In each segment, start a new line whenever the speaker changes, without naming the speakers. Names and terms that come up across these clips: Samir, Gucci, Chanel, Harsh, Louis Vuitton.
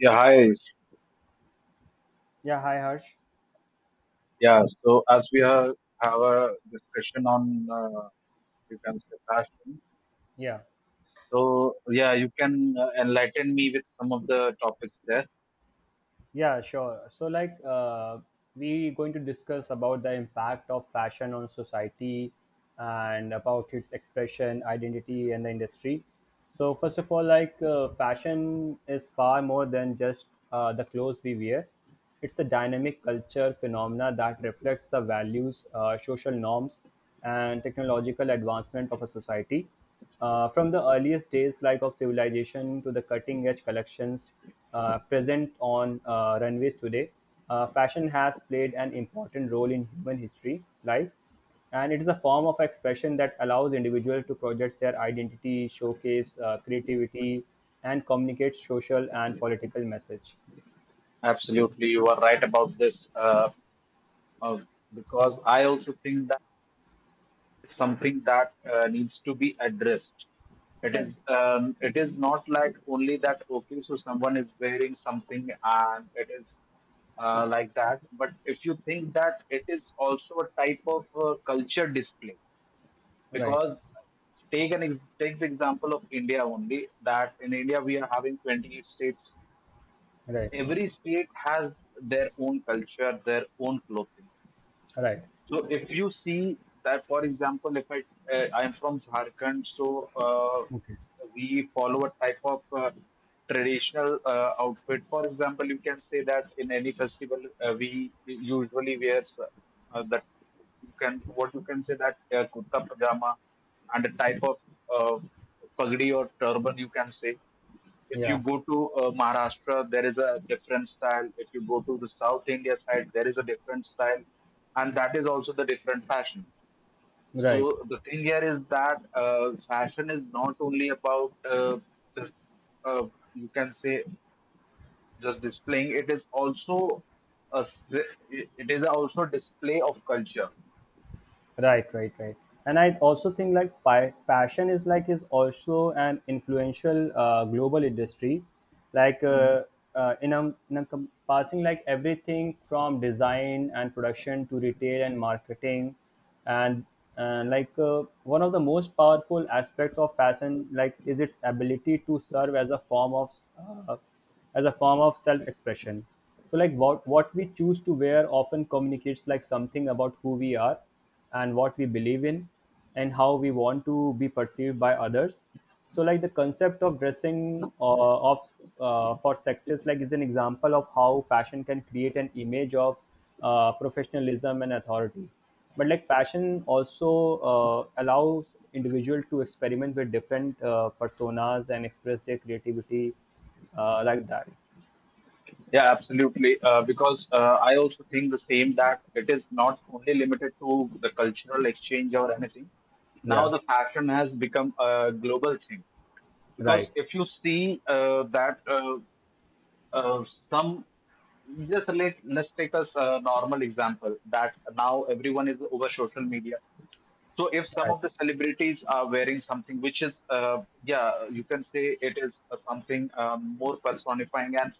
Yeah, hi.
Yeah, hi Harsh.
Yeah, so as we are, have a discussion on, you can say fashion.
Yeah,
So yeah, you can enlighten me with some of the topics there.
yeah, sure. So, we going to discuss about the impact of fashion on society and about its expression, identity, and the industry. So, first of all, fashion is far more than just the clothes we wear. It's a dynamic culture phenomena that reflects the values, social norms, and technological advancement of a society. From the earliest days, like of civilization, to the cutting-edge collections present on runways today, fashion has played an important role in human history, life, and it is a form of expression that allows individuals to project their identity, showcase creativity, and communicate social and political message.
Absolutely, you are right about this. Uh, because I also think that. Something that needs to be addressed. It
Right.
is um, it is not like only that okay, so someone is wearing something and it is like that. But if you think that it is also a type of culture display,
Right.
because take the example of India only. That in India we are having 28 states.
Right.
Every state has their own culture, their own clothing.
Right.
So if you see that, for example, if I I am from Jharkhand, so uh,
Okay.
we follow a type of traditional outfit. For example, you can say that in any festival we usually wear that you can what you can say that kurta pajama and a type of uh, pagdi or turban, you can say. If you
Yeah.
go to maharashtra, there is a different style. If you go to the south india side, there is a different style, and that is also the different fashion.
Right.
So the thing here is that fashion is not only about just uh, you can say just displaying. It is also display of culture.
Right, right, right. And I also think like fashion is also an influential global industry, like in a, in encompassing like everything from design and production to retail and marketing, and one of the most powerful aspects of fashion like is its ability to serve as a form of uh, self expression. So like what we choose to wear often communicates like something about who we are and what we believe in and how we want to be perceived by others. So like the concept of dressing of for success like is an example of how fashion can create an image of professionalism and authority, but like fashion also allows individual to experiment with different personas and express their creativity, like that.
Yeah, absolutely. Because I also think the same, that it is not only limited to the cultural exchange or anything. Now
Yeah,
the fashion has become a global thing. Because
right,
if you see that some, just let let's take as a normal example that now everyone is over social media. So if some of
right,
the celebrities are wearing something which is, yeah, you can say it is something more personifying and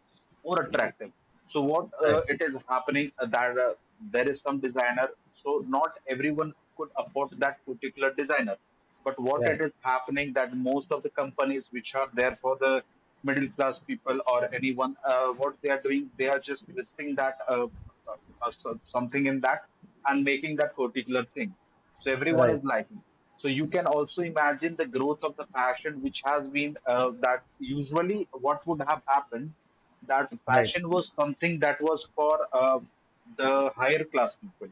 more attractive. So what
right,
it is happening that there is some designer. So not everyone could afford that particular designer, but what it
right,
is happening, that most of the companies which are there for the middle class people or anyone, what they are doing, they are just listing that uh, something in that, and making that particular thing, so everyone is
right,
liking. So you can also imagine the growth of the fashion, which has been that usually what would have happened, that
right,
fashion was something that was for the higher class people.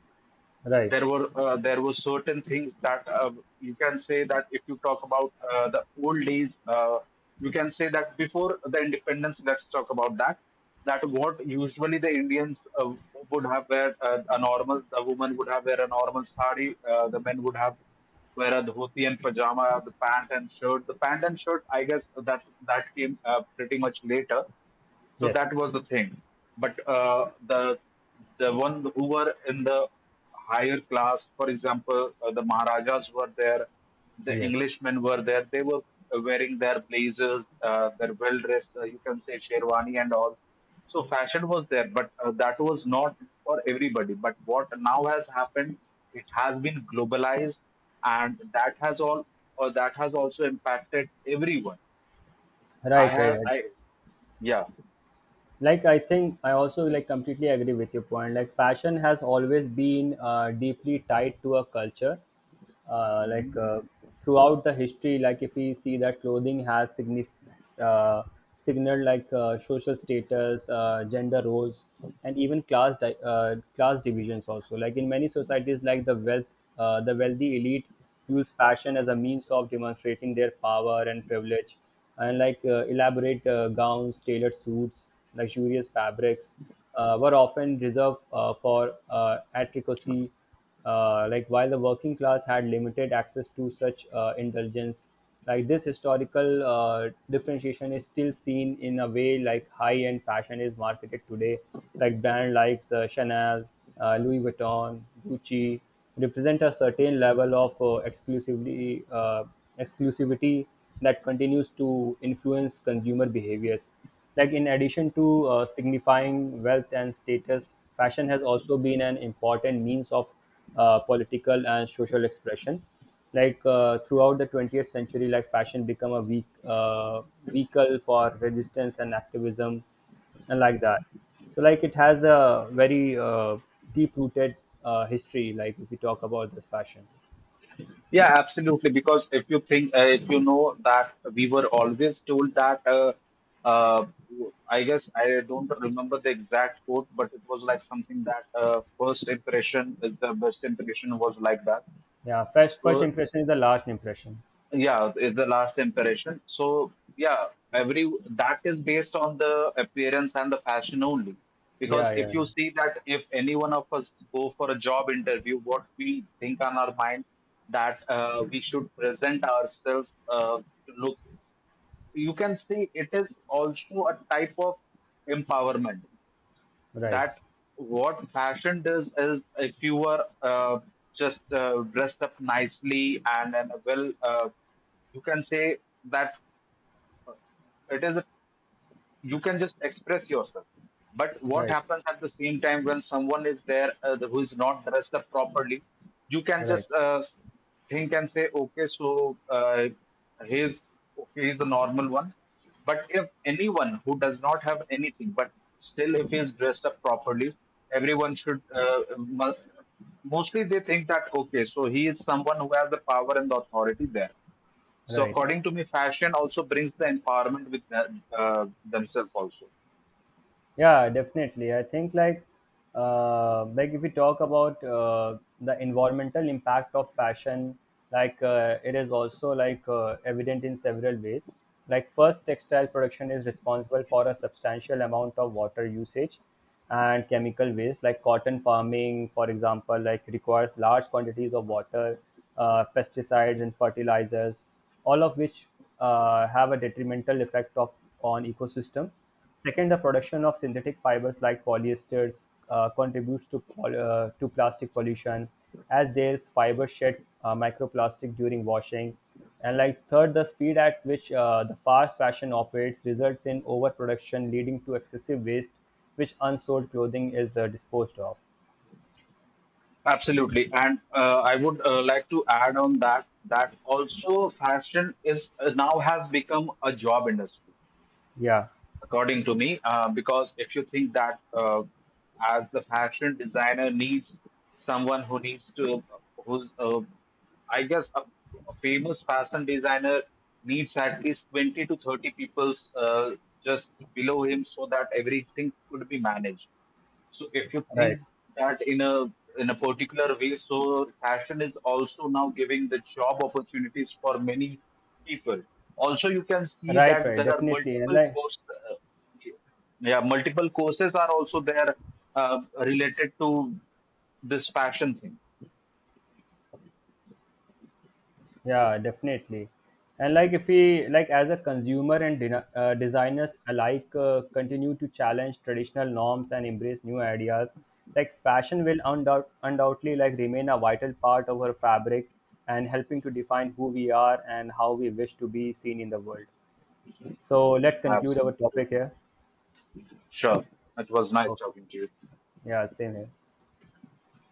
right,
There were there were certain things that you can say that if you talk about the old days, you can say that before the independence, let's talk about that. That what usually the indians would have wear, a normal, the woman would have wear a normal sari, the men would have wear a dhoti and pajama. The pant and shirt, I guess, that that came pretty much later. So
yes,
that was the thing. But the one who were in the higher class, for example, the Maharajas were there, the
yes.
Englishmen were there. They were wearing their blazers, their well dressed, you can say sherwani and all. So fashion was there, but that was not for everybody. But what now has happened, it has been globalized, and that has also impacted everyone. I
Right, right,
have,
right.
I yeah.
Like I think I also like completely agree with your point. Like fashion has always been deeply tied to a culture. Uh, like uh, throughout the history, like if we see that clothing has signaled social status, gender roles, and even class divisions also. Like in many societies, the wealthy elite use fashion as a means of demonstrating their power and privilege, and like elaborate gowns, tailored suits, luxurious fabrics were often reserved for atricosy, like while the working class had limited access to such indulgence. Like this historical differentiation is still seen in a way like high end fashion is marketed today, like brand likes Chanel, Louis Vuitton, Gucci represent a certain level of exclusively exclusivity that continues to influence consumer behaviors. Like in addition to signifying wealth and status, fashion has also been an important means of political and social expression. Throughout the 20th century, like fashion become a weak, vehicle for resistance and activism, and like that. So like it has a very deep rooted history, like if we talk about this fashion.
Yeah, absolutely. Because if you think, if you know that we were always told that, uh, I guess I don't remember the exact quote, but it was like something that first impression is the best impression, was like that.
Yeah, first
So
impression is the last impression.
yeah, is the last impression. So yeah, every, that is based on the appearance and the fashion only.
Yeah,
Because
yeah,
if
yeah.
you see that if any one of us go for a job interview, what we think on our mind, that we should present ourselves to look. You can see it is also a type of empowerment,
Right,
that what fashion does is, if you are just dressed up nicely and well, you can say that it is a, you can just express yourself. But what
right,
happens at the same time when someone is there, who is not dressed up properly, you can
right,
just think and say, okay, so he's okay, he's the normal one. But if anyone who does not have anything, but still if he is dressed up properly, everyone should mostly they think that okay, so he is someone who has the power and the authority there. So
right.
according to me, fashion also brings the empowerment with them, themselves also.
Yeah, definitely. I think like if we talk about the environmental impact of fashion, it is also evident in several ways. Like first, textile production is responsible for a substantial amount of water usage and chemical waste. Like cotton farming, for example, like requires large quantities of water, pesticides and fertilizers, all of which have a detrimental effect of on ecosystem. Second, the production of synthetic fibers like polyesters contributes to plastic pollution as their fibers shed microplastic during washing. And like third, the speed at which the fast fashion operates results in overproduction, leading to excessive waste, which unsold clothing is disposed of.
Absolutely, and I would like to add on that, that also fashion is now has become a job industry.
Yeah,
According to me, because if you think that, as the fashion designer needs someone who needs to, who's I guess a famous fashion designer needs at least 20 to 30 people's, just below him so that everything could be managed. So if you
right,
think that in a particular way, so fashion is also now giving the job opportunities for many people. Also, you can see
right,
that
right,
there are
definitely. And
multiple
like
courses. Yeah, multiple courses are also there related to this fashion thing.
yeah, definitely. And like if we like as a consumer and designers alike continue to challenge traditional norms and embrace new ideas, like fashion will undoubtedly like remain a vital part of our fabric and helping to define who we are and how we wish to be seen in the world. So let's conclude our
Absolutely.
topic here.
Sure. It was nice
Okay.
talking to you.
Yeah, same here.